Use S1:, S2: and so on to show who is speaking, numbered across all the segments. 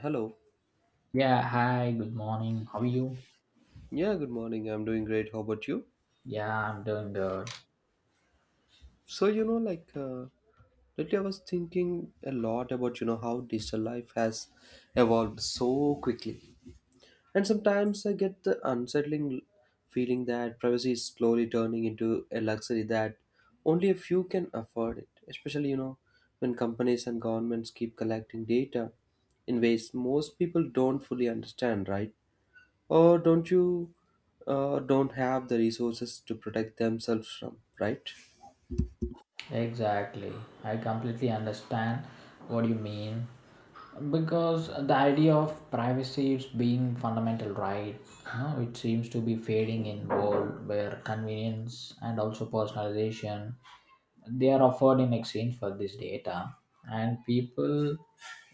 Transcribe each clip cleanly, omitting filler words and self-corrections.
S1: Hello.
S2: Yeah, hi, good morning. How are you?
S1: Yeah, good morning. I'm doing great. How about you?
S2: Yeah, I'm doing good.
S1: So, you know, like Lately I was thinking a lot about, how digital life has evolved so quickly. And sometimes I get the unsettling feeling that privacy is slowly turning into a luxury that only a few can afford it, especially, when companies and governments keep collecting data in ways most people don't fully understand, right? Or don't have the resources to protect themselves from, right?
S2: Exactly. I completely understand what you mean. Because the idea of privacy is being fundamental right. It seems to be fading in world where convenience and also personalization they are offered in exchange for this data and people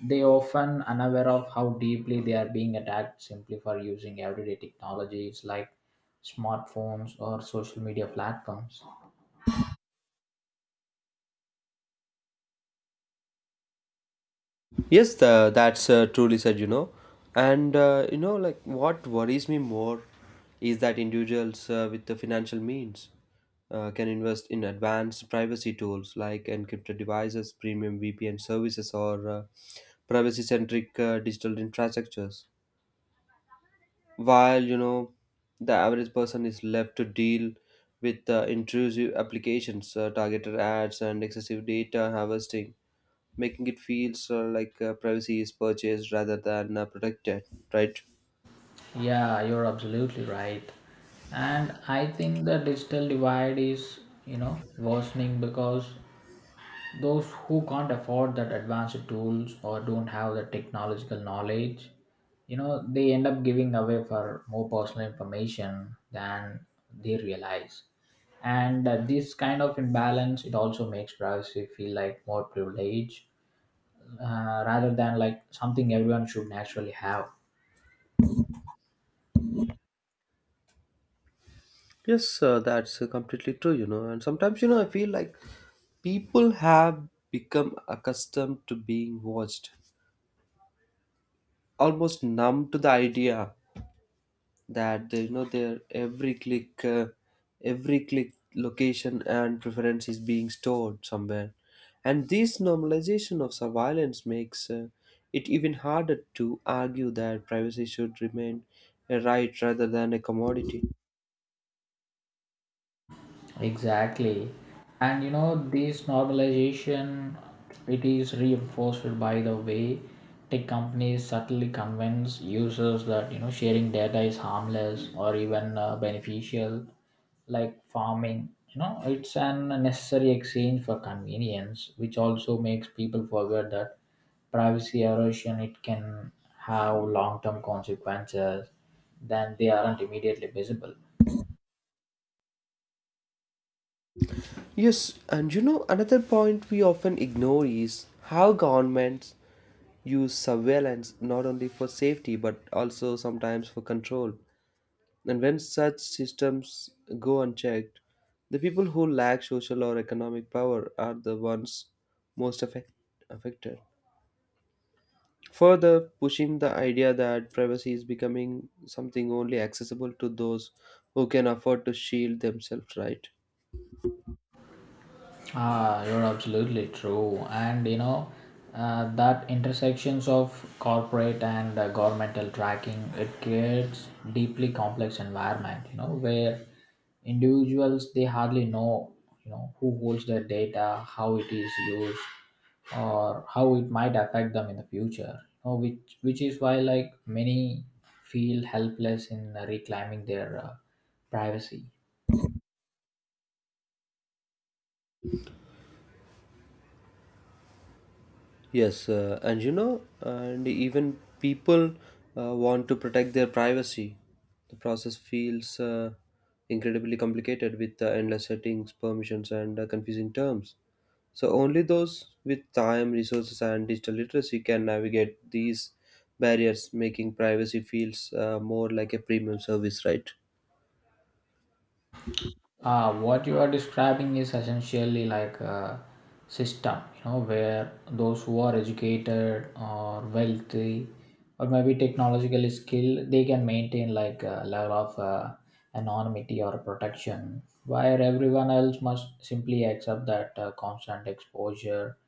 S2: they often unaware of how deeply they are being attacked simply for using everyday technologies like smartphones or social media platforms.
S1: Yes, that's truly said. And you know like what worries me more is that individuals with the financial means can invest in advanced privacy tools like encrypted devices, premium VPN services, or privacy centric digital infrastructures, while the average person is left to deal with intrusive applications, targeted ads, and excessive data harvesting, making it feels like privacy is purchased rather than protected, right?
S2: Yeah, you're absolutely right. And I think the digital divide is, you know, worsening because those who can't afford that advanced tools or don't have the technological knowledge, you know, they end up giving away for more personal information than they realize. And this kind of imbalance, it also makes privacy feel like more privilege, rather than like something everyone should naturally have.
S1: Yes, that's completely true. And sometimes you know I feel like people have become accustomed to being watched, almost numb to the idea that they, you know their every click every click, location, and preference is being stored somewhere. And this normalization of surveillance makes it even harder to argue that privacy should remain a right rather than a commodity.
S2: Exactly. And you know, this normalization it is reinforced by the way tech companies subtly convince users that you know sharing data is harmless or even beneficial, like farming. You know, it's an necessary exchange for convenience, which also makes people forget that privacy erosion it can have long-term consequences then they aren't immediately visible.
S1: Yes, and you know, another point we often ignore is how governments use surveillance not only for safety but also sometimes for control. And when such systems go unchecked, the people who lack social or economic power are the ones most affect- affected, further pushing the idea that privacy is becoming something only accessible to those who can afford to shield themselves, right?
S2: Ah, you're absolutely true. And you know, that intersections of corporate and governmental tracking, it creates deeply complex environment, you know, where individuals, they hardly know, you know, who holds their data, how it is used, or how it might affect them in the future. You know, which is why like many feel helpless in reclaiming their privacy.
S1: Yes, and even people want to protect their privacy. The process feels incredibly complicated with endless settings, permissions, and confusing terms. So, only those with time, resources, and digital literacy can navigate these barriers, making privacy feels more like a premium service, right?
S2: What you are describing is essentially like a system, you know, where those who are educated or wealthy or maybe technologically skilled, they can maintain like a level of anonymity or protection, where everyone else must simply accept that constant exposure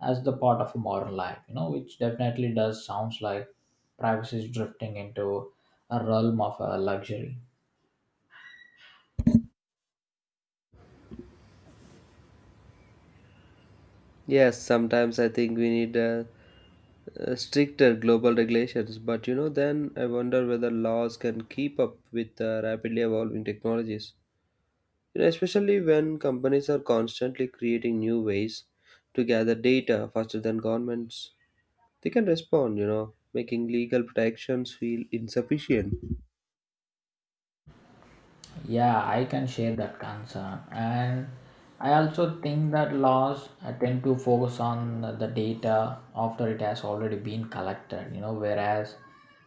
S2: as the part of a modern life, you know, which definitely does sounds like privacy is drifting into a realm of luxury.
S1: Yes, sometimes I think we need stricter global regulations, but you know, then I wonder whether laws can keep up with rapidly evolving technologies. You know, especially when companies are constantly creating new ways to gather data faster than governments. They can respond, you know, making legal protections feel insufficient.
S2: Yeah, I can share that concern. And I also think that laws tend to focus on the data after it has already been collected, you know, whereas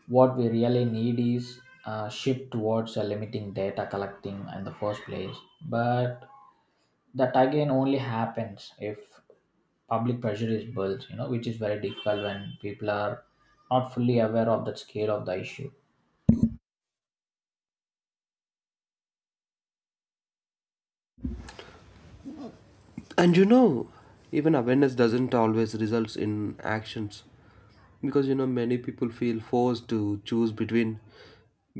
S2: what we really need is a shift towards limiting data collecting in the first place. But that again only happens if public pressure is built, you know, which is very difficult when people are not fully aware of the scale of the issue.
S1: And you know, even awareness doesn't always result in actions, because you know, many people feel forced to choose between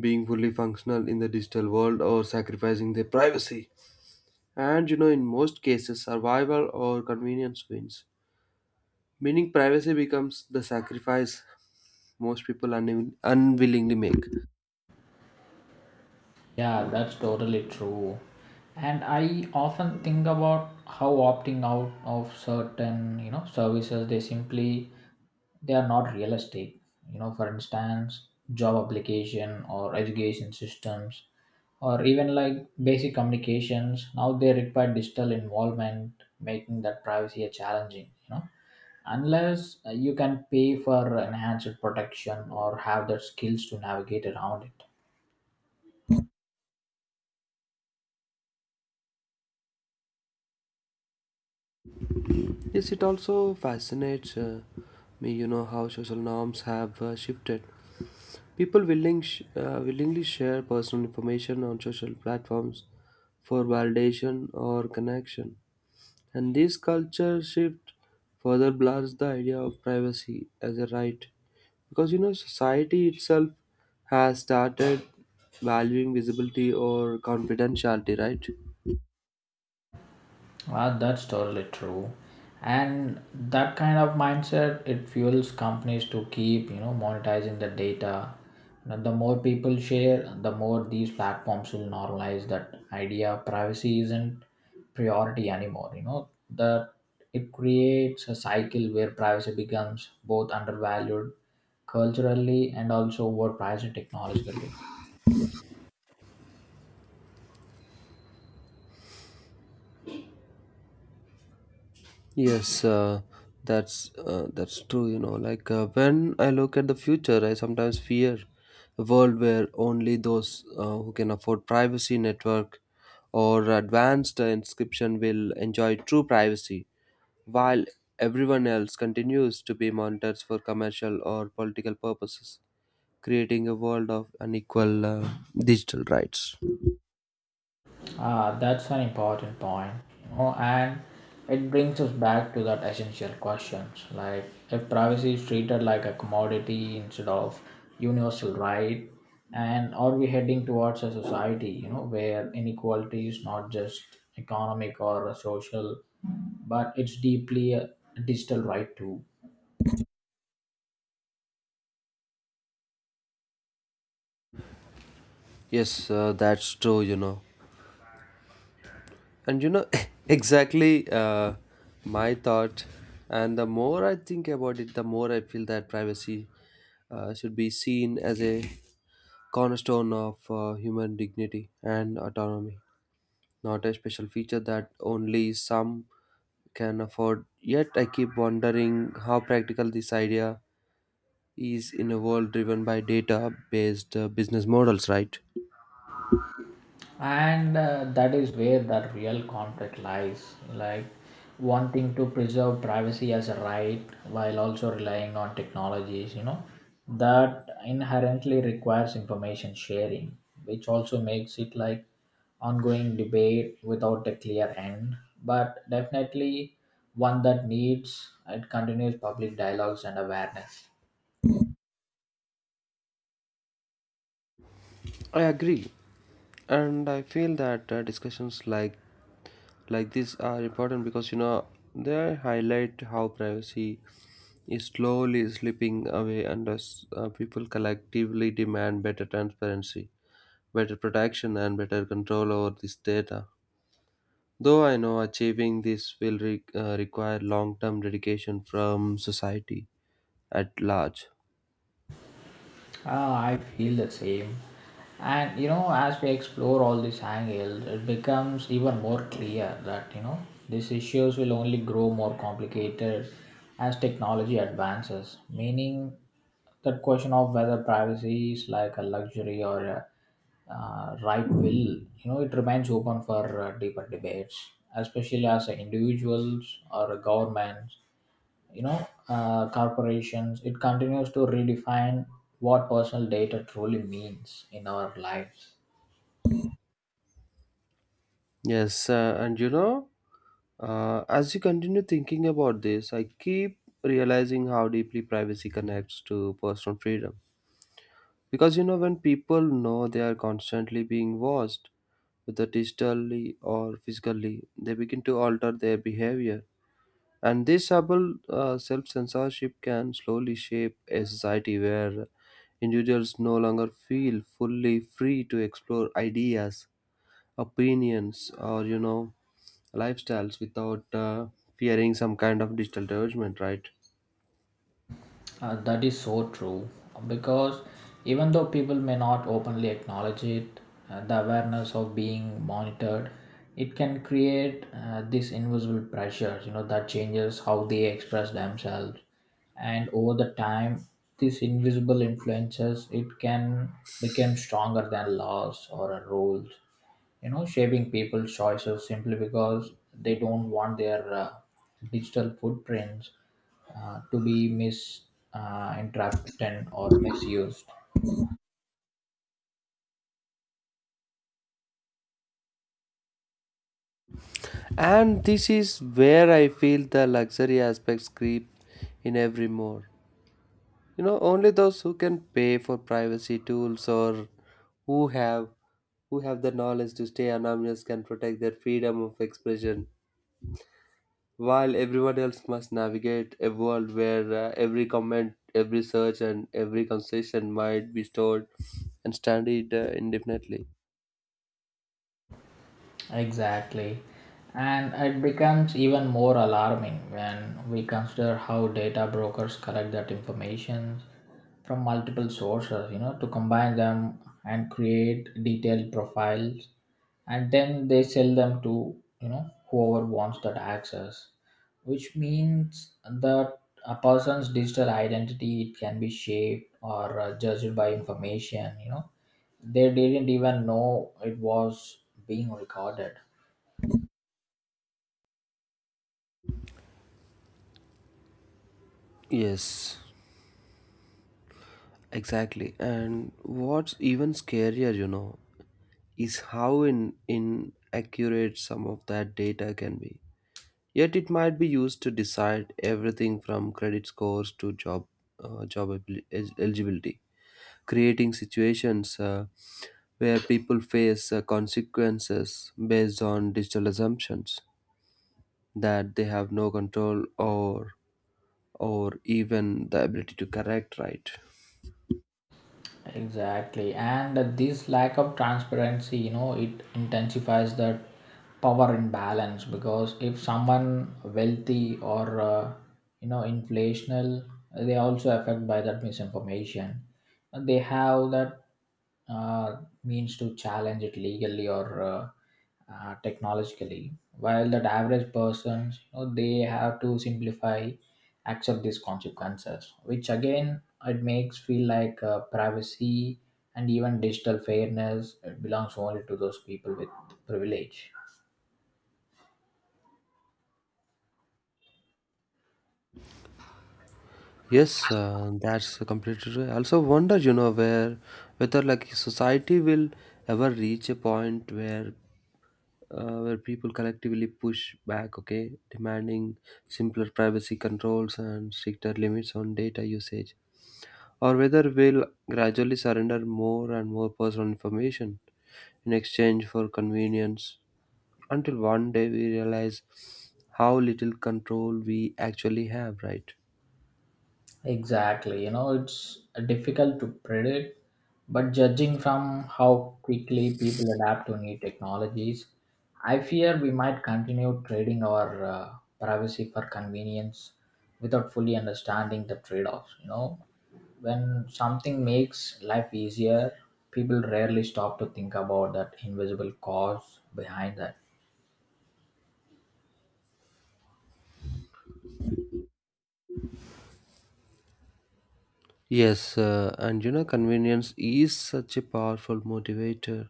S1: being fully functional in the digital world or sacrificing their privacy. And you know, in most cases survival or convenience wins, meaning privacy becomes the sacrifice most people unwillingly make.
S2: Yeah, that's totally true. And I often think about how opting out of certain, you know, services they simply they are not realistic. You know, for instance, job application or education systems or even like basic communications. Now they require digital involvement, making that privacy a challenging, you know. Unless you can pay for enhanced protection or have the skills to navigate around it.
S1: Yes, it also fascinates me how social norms have shifted. People willingly share personal information on social platforms for validation or connection. And this culture shift further blurs the idea of privacy as a right. Because you know, society itself has started valuing visibility or confidentiality, right?
S2: Ah, that's totally true. And that kind of mindset it fuels companies to keep, you know, monetizing the data. You the more people share, the more these platforms will normalize that idea. Privacy isn't priority anymore. You know that it creates a cycle where privacy becomes both undervalued culturally and also overpriced technologically.
S1: Yes, that's true. Like when I look at the future, I sometimes fear a world where only those who can afford privacy network or advanced inscription will enjoy true privacy, while everyone else continues to be monitored for commercial or political purposes, creating a world of unequal digital rights.
S2: Ah, that's an important point. You know, and it brings us back to that essential questions like if privacy is treated like a commodity instead of universal right, and are we heading towards a society, you know, where inequality is not just economic or social, but it's deeply a digital right too.
S1: Yes, that's true, you know. And you know, exactly my thought. And the more I think about it, the more I feel that privacy should be seen as a cornerstone of human dignity and autonomy, not a special feature that only some can afford. Yet I keep wondering how practical this idea is in a world driven by data based business models, right?
S2: And that is where that real conflict lies, like wanting to preserve privacy as a right while also relying on technologies, you know, that inherently requires information sharing, which also makes it like ongoing debate without a clear end, but definitely one that needs it continues public dialogues and awareness.
S1: I agree. And I feel that discussions like this are important because you know, they highlight how privacy is slowly slipping away, and as people collectively demand better transparency, better protection, and better control over this data. Though I know achieving this will require long term dedication from society at large.
S2: Ah, I feel the same. And you know, as we explore all these angles, it becomes even more clear that you know these issues will only grow more complicated as technology advances. Meaning, that question of whether privacy is like a luxury or a right will, you know, it remains open for deeper debates, especially as individuals or governments, you know, corporations it continues to redefine what personal data truly means in our lives.
S1: Yes, and you know, as you continue thinking about this, I keep realizing how deeply privacy connects to personal freedom. Because you know, when people know they are constantly being watched, whether digitally or physically, they begin to alter their behavior. And this subtle self censorship can slowly shape a society where individuals no longer feel fully free to explore ideas, opinions, or lifestyles without fearing some kind of digital judgment, right?
S2: That is so true because even though people may not openly acknowledge it, the awareness of being monitored, it can create this invisible pressure, you know, that changes how they express themselves. And over the time, these invisible influences, it can become stronger than laws or rules, you know, shaping people's choices simply because they don't want their digital footprints to be misinterpreted, interpreted or misused.
S1: And this is where I feel the luxury aspects creep in every more. You know, only those who can pay for privacy tools or who have who have the knowledge to stay anonymous can protect their freedom of expression, while everyone else must navigate a world where every comment, every search, and every conversation might be stored and studied indefinitely.
S2: Exactly. And it becomes even more alarming when we consider how data brokers collect that information from multiple sources, you know, to combine them and create detailed profiles, and then they sell them to, you know, whoever wants that access. Which means that a person's digital identity it can be shaped or judged by information, you know, they didn't even know it was being recorded.
S1: Yes, exactly. And what's even scarier, you know, is how in inaccurate some of that data can be. Yet it might be used to decide everything from credit scores to eligibility, creating situations where people face consequences based on digital assumptions that they have no control or even the ability to correct, right?
S2: Exactly. And this lack of transparency, you know, it intensifies the power imbalance because if someone wealthy or, you know, inflational, they also affect by that misinformation. And they have that means to challenge it legally or technologically, while that average persons, you know, they have to simplify accept these consequences, which again it makes feel like privacy and even digital fairness it belongs only to those people with privilege.
S1: Yes, that's completely true. I also wonder, you know where whether like society will ever reach a point where people collectively push back, okay, demanding simpler privacy controls and stricter limits on data usage, or whether we'll gradually surrender more and more personal information in exchange for convenience until one day we realize how little control we actually have, right?
S2: Exactly, you know, it's difficult to predict but judging from how quickly people adapt to new technologies, I fear we might continue trading our privacy for convenience without fully understanding the trade-offs. You know, when something makes life easier, people rarely stop to think about that invisible cause behind that.
S1: Yes, and you know, convenience is such a powerful motivator,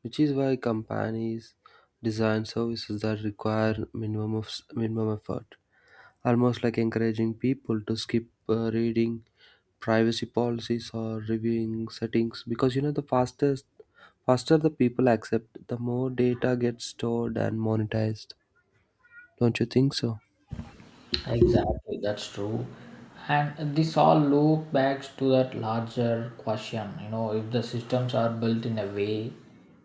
S1: which is why companies design services that require minimum effort, almost like encouraging people to skip reading privacy policies or reviewing settings, because you know, the fastest faster the people accept, the more data gets stored and monetized, don't you think so?
S2: Exactly, that's true. And this all loop back to that larger question. You know, if the systems are built in a way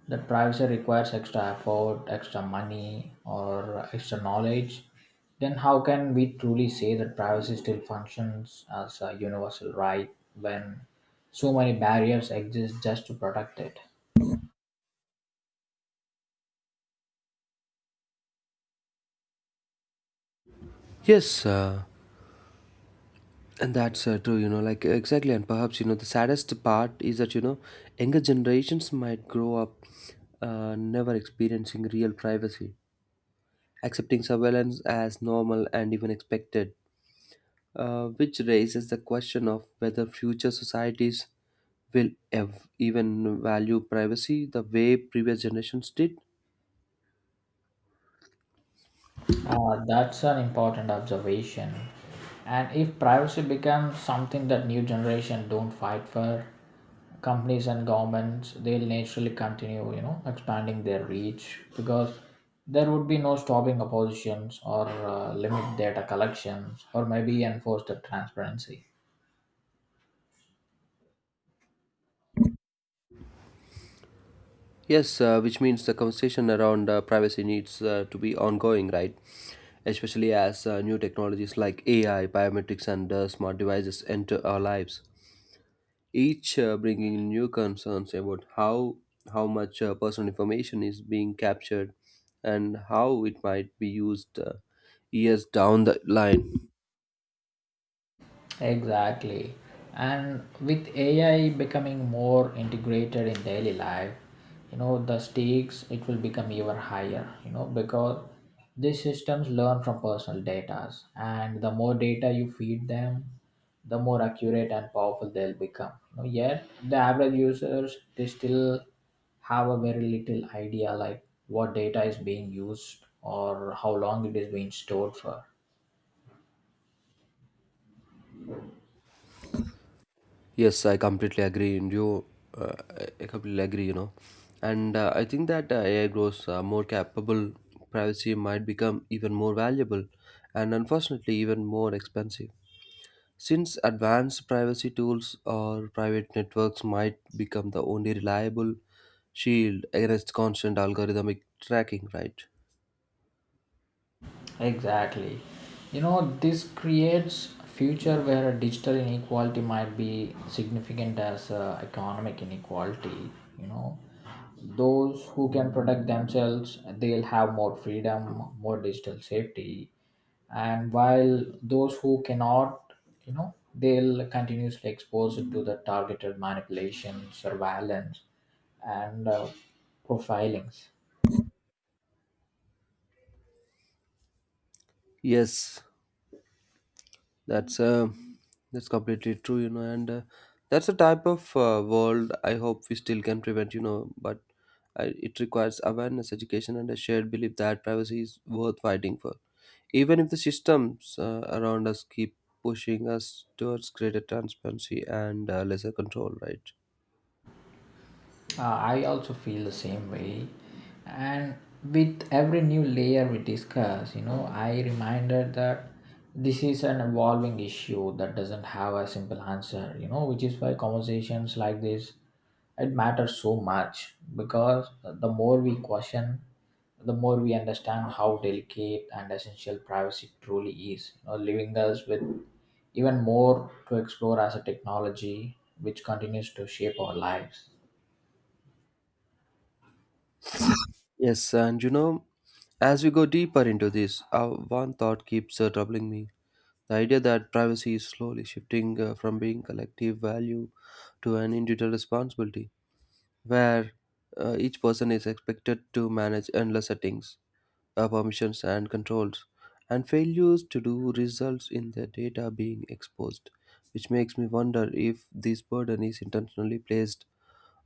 S2: that privacy requires extra effort, extra money, or extra knowledge, then how can we truly say that privacy still functions as a universal right when so many barriers exist just to protect it?
S1: Yes, and that's true, you know, exactly. And perhaps, you know, the saddest part is that, you know, younger generations might grow up never experiencing real privacy, accepting surveillance as normal and even expected, which raises the question of whether future societies will even value privacy the way previous generations did.
S2: That's an important observation. And if privacy becomes something that new generation don't fight for, companies and governments they'll naturally continue, you know, expanding their reach because there would be no stopping oppositions or limit data collections or maybe enforce the transparency.
S1: Yes, which means the conversation around privacy needs to be ongoing, right? Especially as new technologies like AI, biometrics, and smart devices enter our lives, each bringing in new concerns about how much personal information is being captured and how it might be used years down the line.
S2: Exactly. And with AI becoming more integrated in daily life, you know, the stakes it will become even higher, you know, because these systems learn from personal data and the more data you feed them, the more accurate and powerful they'll become. You know, yet the average users they still have a very little idea like what data is being used or how long it is being stored for.
S1: Yes, I completely agree. And you, uh, I completely agree. You know, and I think that AI grows more capable. Privacy might become even more valuable, and unfortunately, even more expensive, since advanced privacy tools or private networks might become the only reliable shield against constant algorithmic tracking, right?
S2: Exactly. You know, this creates a future where a digital inequality might be significant as economic inequality. You know, those who can protect themselves, they'll have more freedom, more digital safety, and while those who cannot, you know, they'll continuously exposed to the targeted manipulation, surveillance, and profilings.
S1: Yes, That's uh, that's completely true, you know, and that's a type of world I hope we still can prevent, you know, but it requires awareness, education, and a shared belief that privacy is worth fighting for, even if the systems around us keep pushing us towards greater transparency and lesser control, right?
S2: I also feel the same way. And with every new layer we discuss, you know, I reminded that this is an evolving issue that doesn't have a simple answer, you know, which is why conversations like this it matters so much because the more we question, the more we understand how delicate and essential privacy truly is, you know, leaving us with even more to explore as a technology which continues to shape our lives.
S1: Yes, and you know, as we go deeper into this, one thought keeps troubling me. The idea that privacy is slowly shifting from being collective value to an individual responsibility, where each person is expected to manage endless settings, permissions, and controls, and failures to do results in their data being exposed, which makes me wonder if this burden is intentionally placed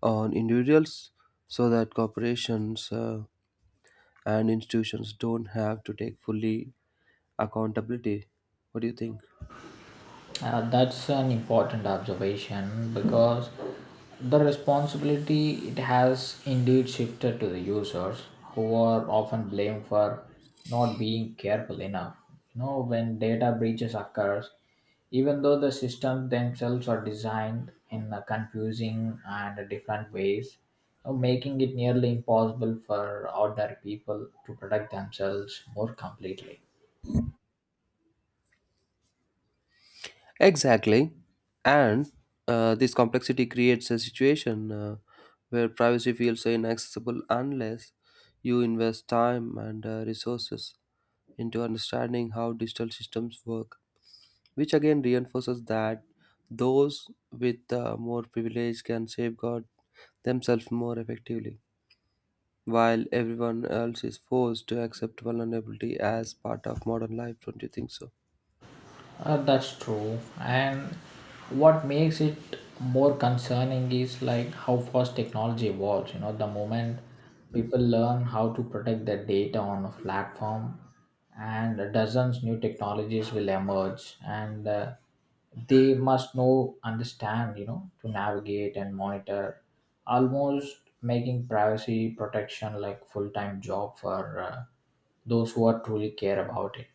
S1: on individuals so that corporations and institutions don't have to take fully accountability. What do you think?
S2: That's an important observation because the responsibility it has indeed shifted to the users who are often blamed for not being careful enough. You know, when data breaches occurs, even though the systems themselves are designed in a confusing and different ways, you know, making it nearly impossible for ordinary people to protect themselves more completely.
S1: Exactly. And this complexity creates a situation where privacy feels inaccessible unless you invest time and resources into understanding how digital systems work, which again reinforces that those with more privilege can safeguard themselves more effectively, while everyone else is forced to accept vulnerability as part of modern life. Don't you think so?
S2: That's true. And what makes it more concerning is like how fast technology evolves. You know, the moment people learn how to protect their data on a platform, and dozens new technologies will emerge, and they must know, understand, you know, to navigate and monitor, almost making privacy protection like full time job for those who are truly care about it.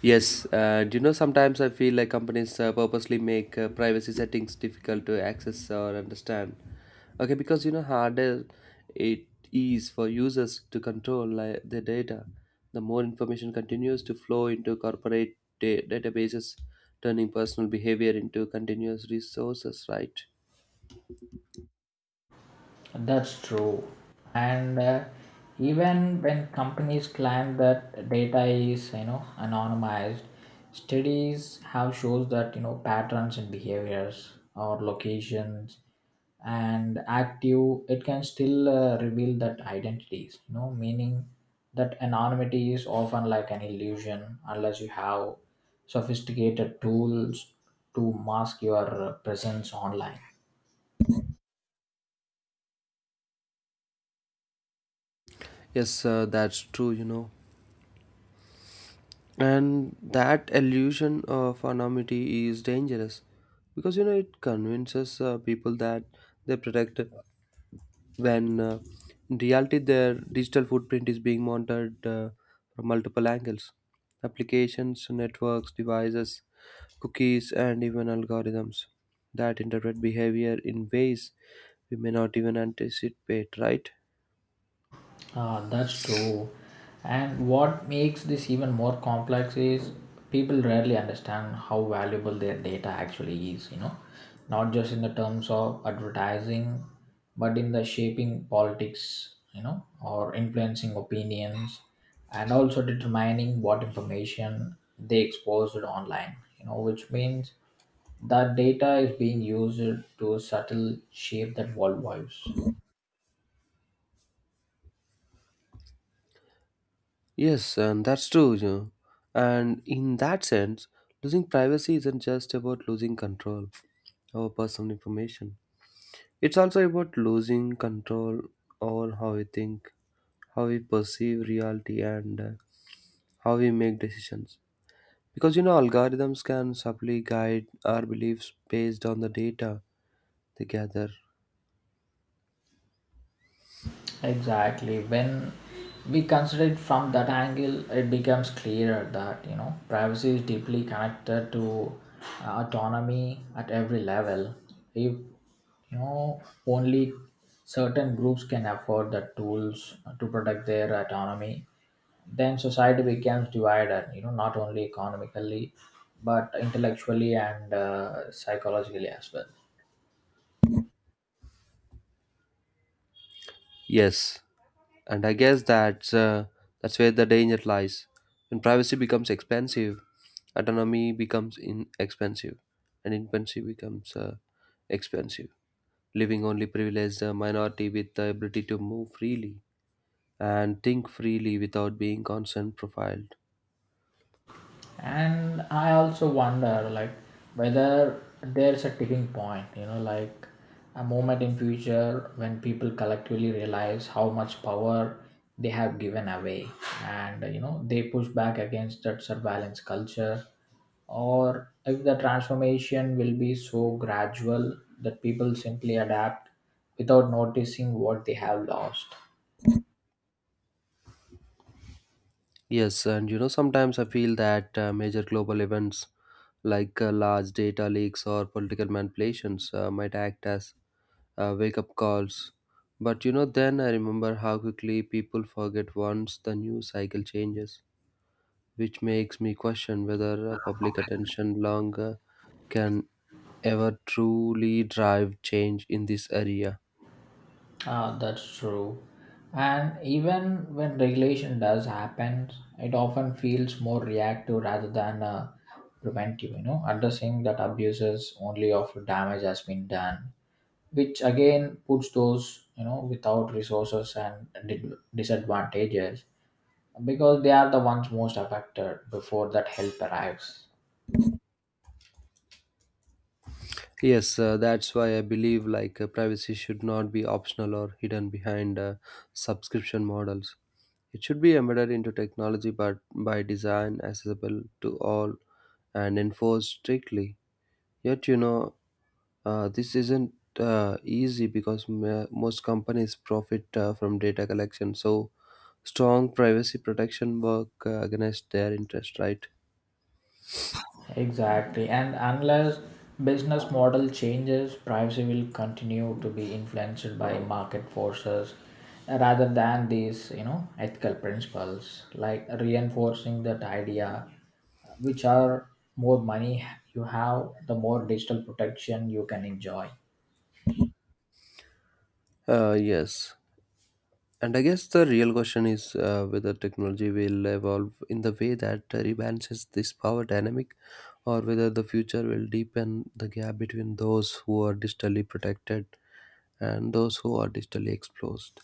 S1: Yes, do you know, sometimes I feel like companies purposely make privacy settings difficult to access or understand. Okay, because you know, harder it is for users to control like, their data, the more information continues to flow into corporate databases, turning personal behavior into continuous resources, right?
S2: That's true. And even when companies claim that data is, you know, anonymized, studies have shows that, you know, patterns in behaviors or locations and active, it can still reveal that identities, you know, meaning that anonymity is often like an illusion unless you have sophisticated tools to mask your presence online.
S1: Yes, that's true, you know. And that illusion of anonymity is dangerous because you know, it convinces people that they're protected when in reality their digital footprint is being monitored from multiple angles: applications, networks, devices, cookies, and even algorithms that interpret behavior in ways we may not even anticipate, right?
S2: Ah, that's true. And what makes this even more complex is people rarely understand how valuable their data actually is, you know, not just in the terms of advertising, but in the shaping politics, you know, or influencing opinions and also determining what information they expose it online, you know, which means that data is being used to subtle shape that world views.
S1: Yes, and that's true, you know. And in that sense, losing privacy isn't just about losing control over personal information. It's also about losing control over how we think, how we perceive reality, and how we make decisions. Because you know, algorithms can subtly guide our beliefs based on the data they gather.
S2: Exactly. When we consider it from that angle, it becomes clearer that you know privacy is deeply connected to autonomy at every level. If you know only certain groups can afford the tools to protect their autonomy, then society becomes divided. You know, not only economically, but intellectually and psychologically as well.
S1: Yes, and I guess that's that's where the danger lies. When privacy becomes expensive, autonomy becomes inexpensive, and infancy becomes expensive, leaving only privileged minority with the ability to move freely and think freely without being constant profiled.
S2: And I also wonder like whether there's a tipping point, you know, like a moment in future when people collectively realize how much power they have given away, and you know they push back against that surveillance culture, or if the transformation will be so gradual that people simply adapt without noticing what they have lost.
S1: Yes, and you know, sometimes I feel that major global events like large data leaks or political manipulations might act as wake up calls. But you know, then I remember how quickly people forget once the news cycle changes, which makes me question whether public attention longer can ever truly drive change in this area.
S2: Ah, that's true. And even when regulation does happen, it often feels more reactive rather than preventive, you know, addressing that abuses only after damage has been done, which again puts those, you know, without resources and disadvantages because they are the ones most affected before that help arrives.
S1: Yes, that's why I believe like privacy should not be optional or hidden behind subscription models. It should be embedded into technology, but by design, accessible to all, and enforced strictly. Yet, you know, this isn't easy because most companies profit from data collection, so strong privacy protection work against their interest, right?
S2: Exactly. And unless business model changes, privacy will continue to be influenced by market forces rather than these, you know, ethical principles, like reinforcing that idea, which are more money you have, the more digital protection you can enjoy.
S1: Yes. And I guess the real question is whether technology will evolve in the way that rebalances this power dynamic, or whether the future will deepen the gap between those who are digitally protected and those who are digitally exposed.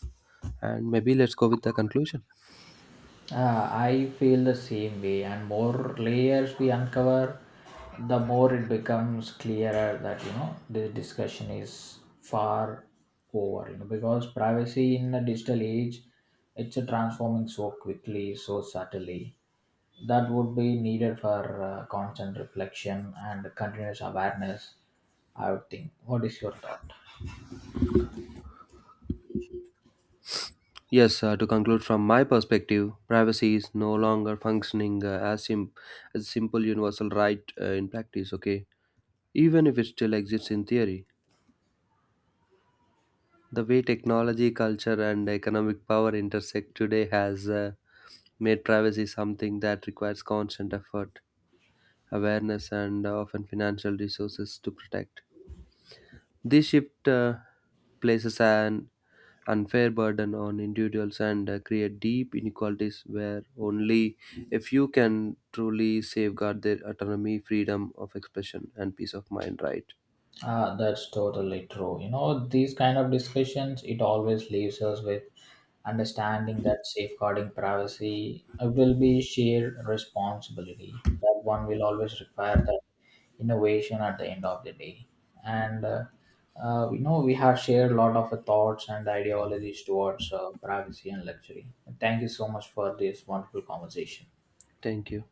S1: And maybe let's go with the conclusion.
S2: I feel the same way, and more layers we uncover, the more it becomes clearer that you know this discussion is far over. You know, because privacy in the digital age, it's a transforming so quickly, so subtly that would be needed for constant reflection and continuous awareness. I would think. What is your thought?
S1: Yes, to conclude from my perspective, privacy is no longer functioning as a simple universal right in practice, okay? Even if it still exists in theory. The way technology, culture, and economic power intersect today has made privacy something that requires constant effort, awareness, and often financial resources to protect. This shift places an unfair burden on individuals and create deep inequalities where only a few can truly safeguard their autonomy, freedom of expression, and peace of mind, right?
S2: Ah, that's totally true. You know, these kind of discussions, it always leaves us with understanding that safeguarding privacy it will be shared responsibility. That one will always require that innovation at the end of the day. And you know, we have shared a lot of thoughts and ideologies towards privacy and luxury. Thank you so much for this wonderful conversation.
S1: Thank you.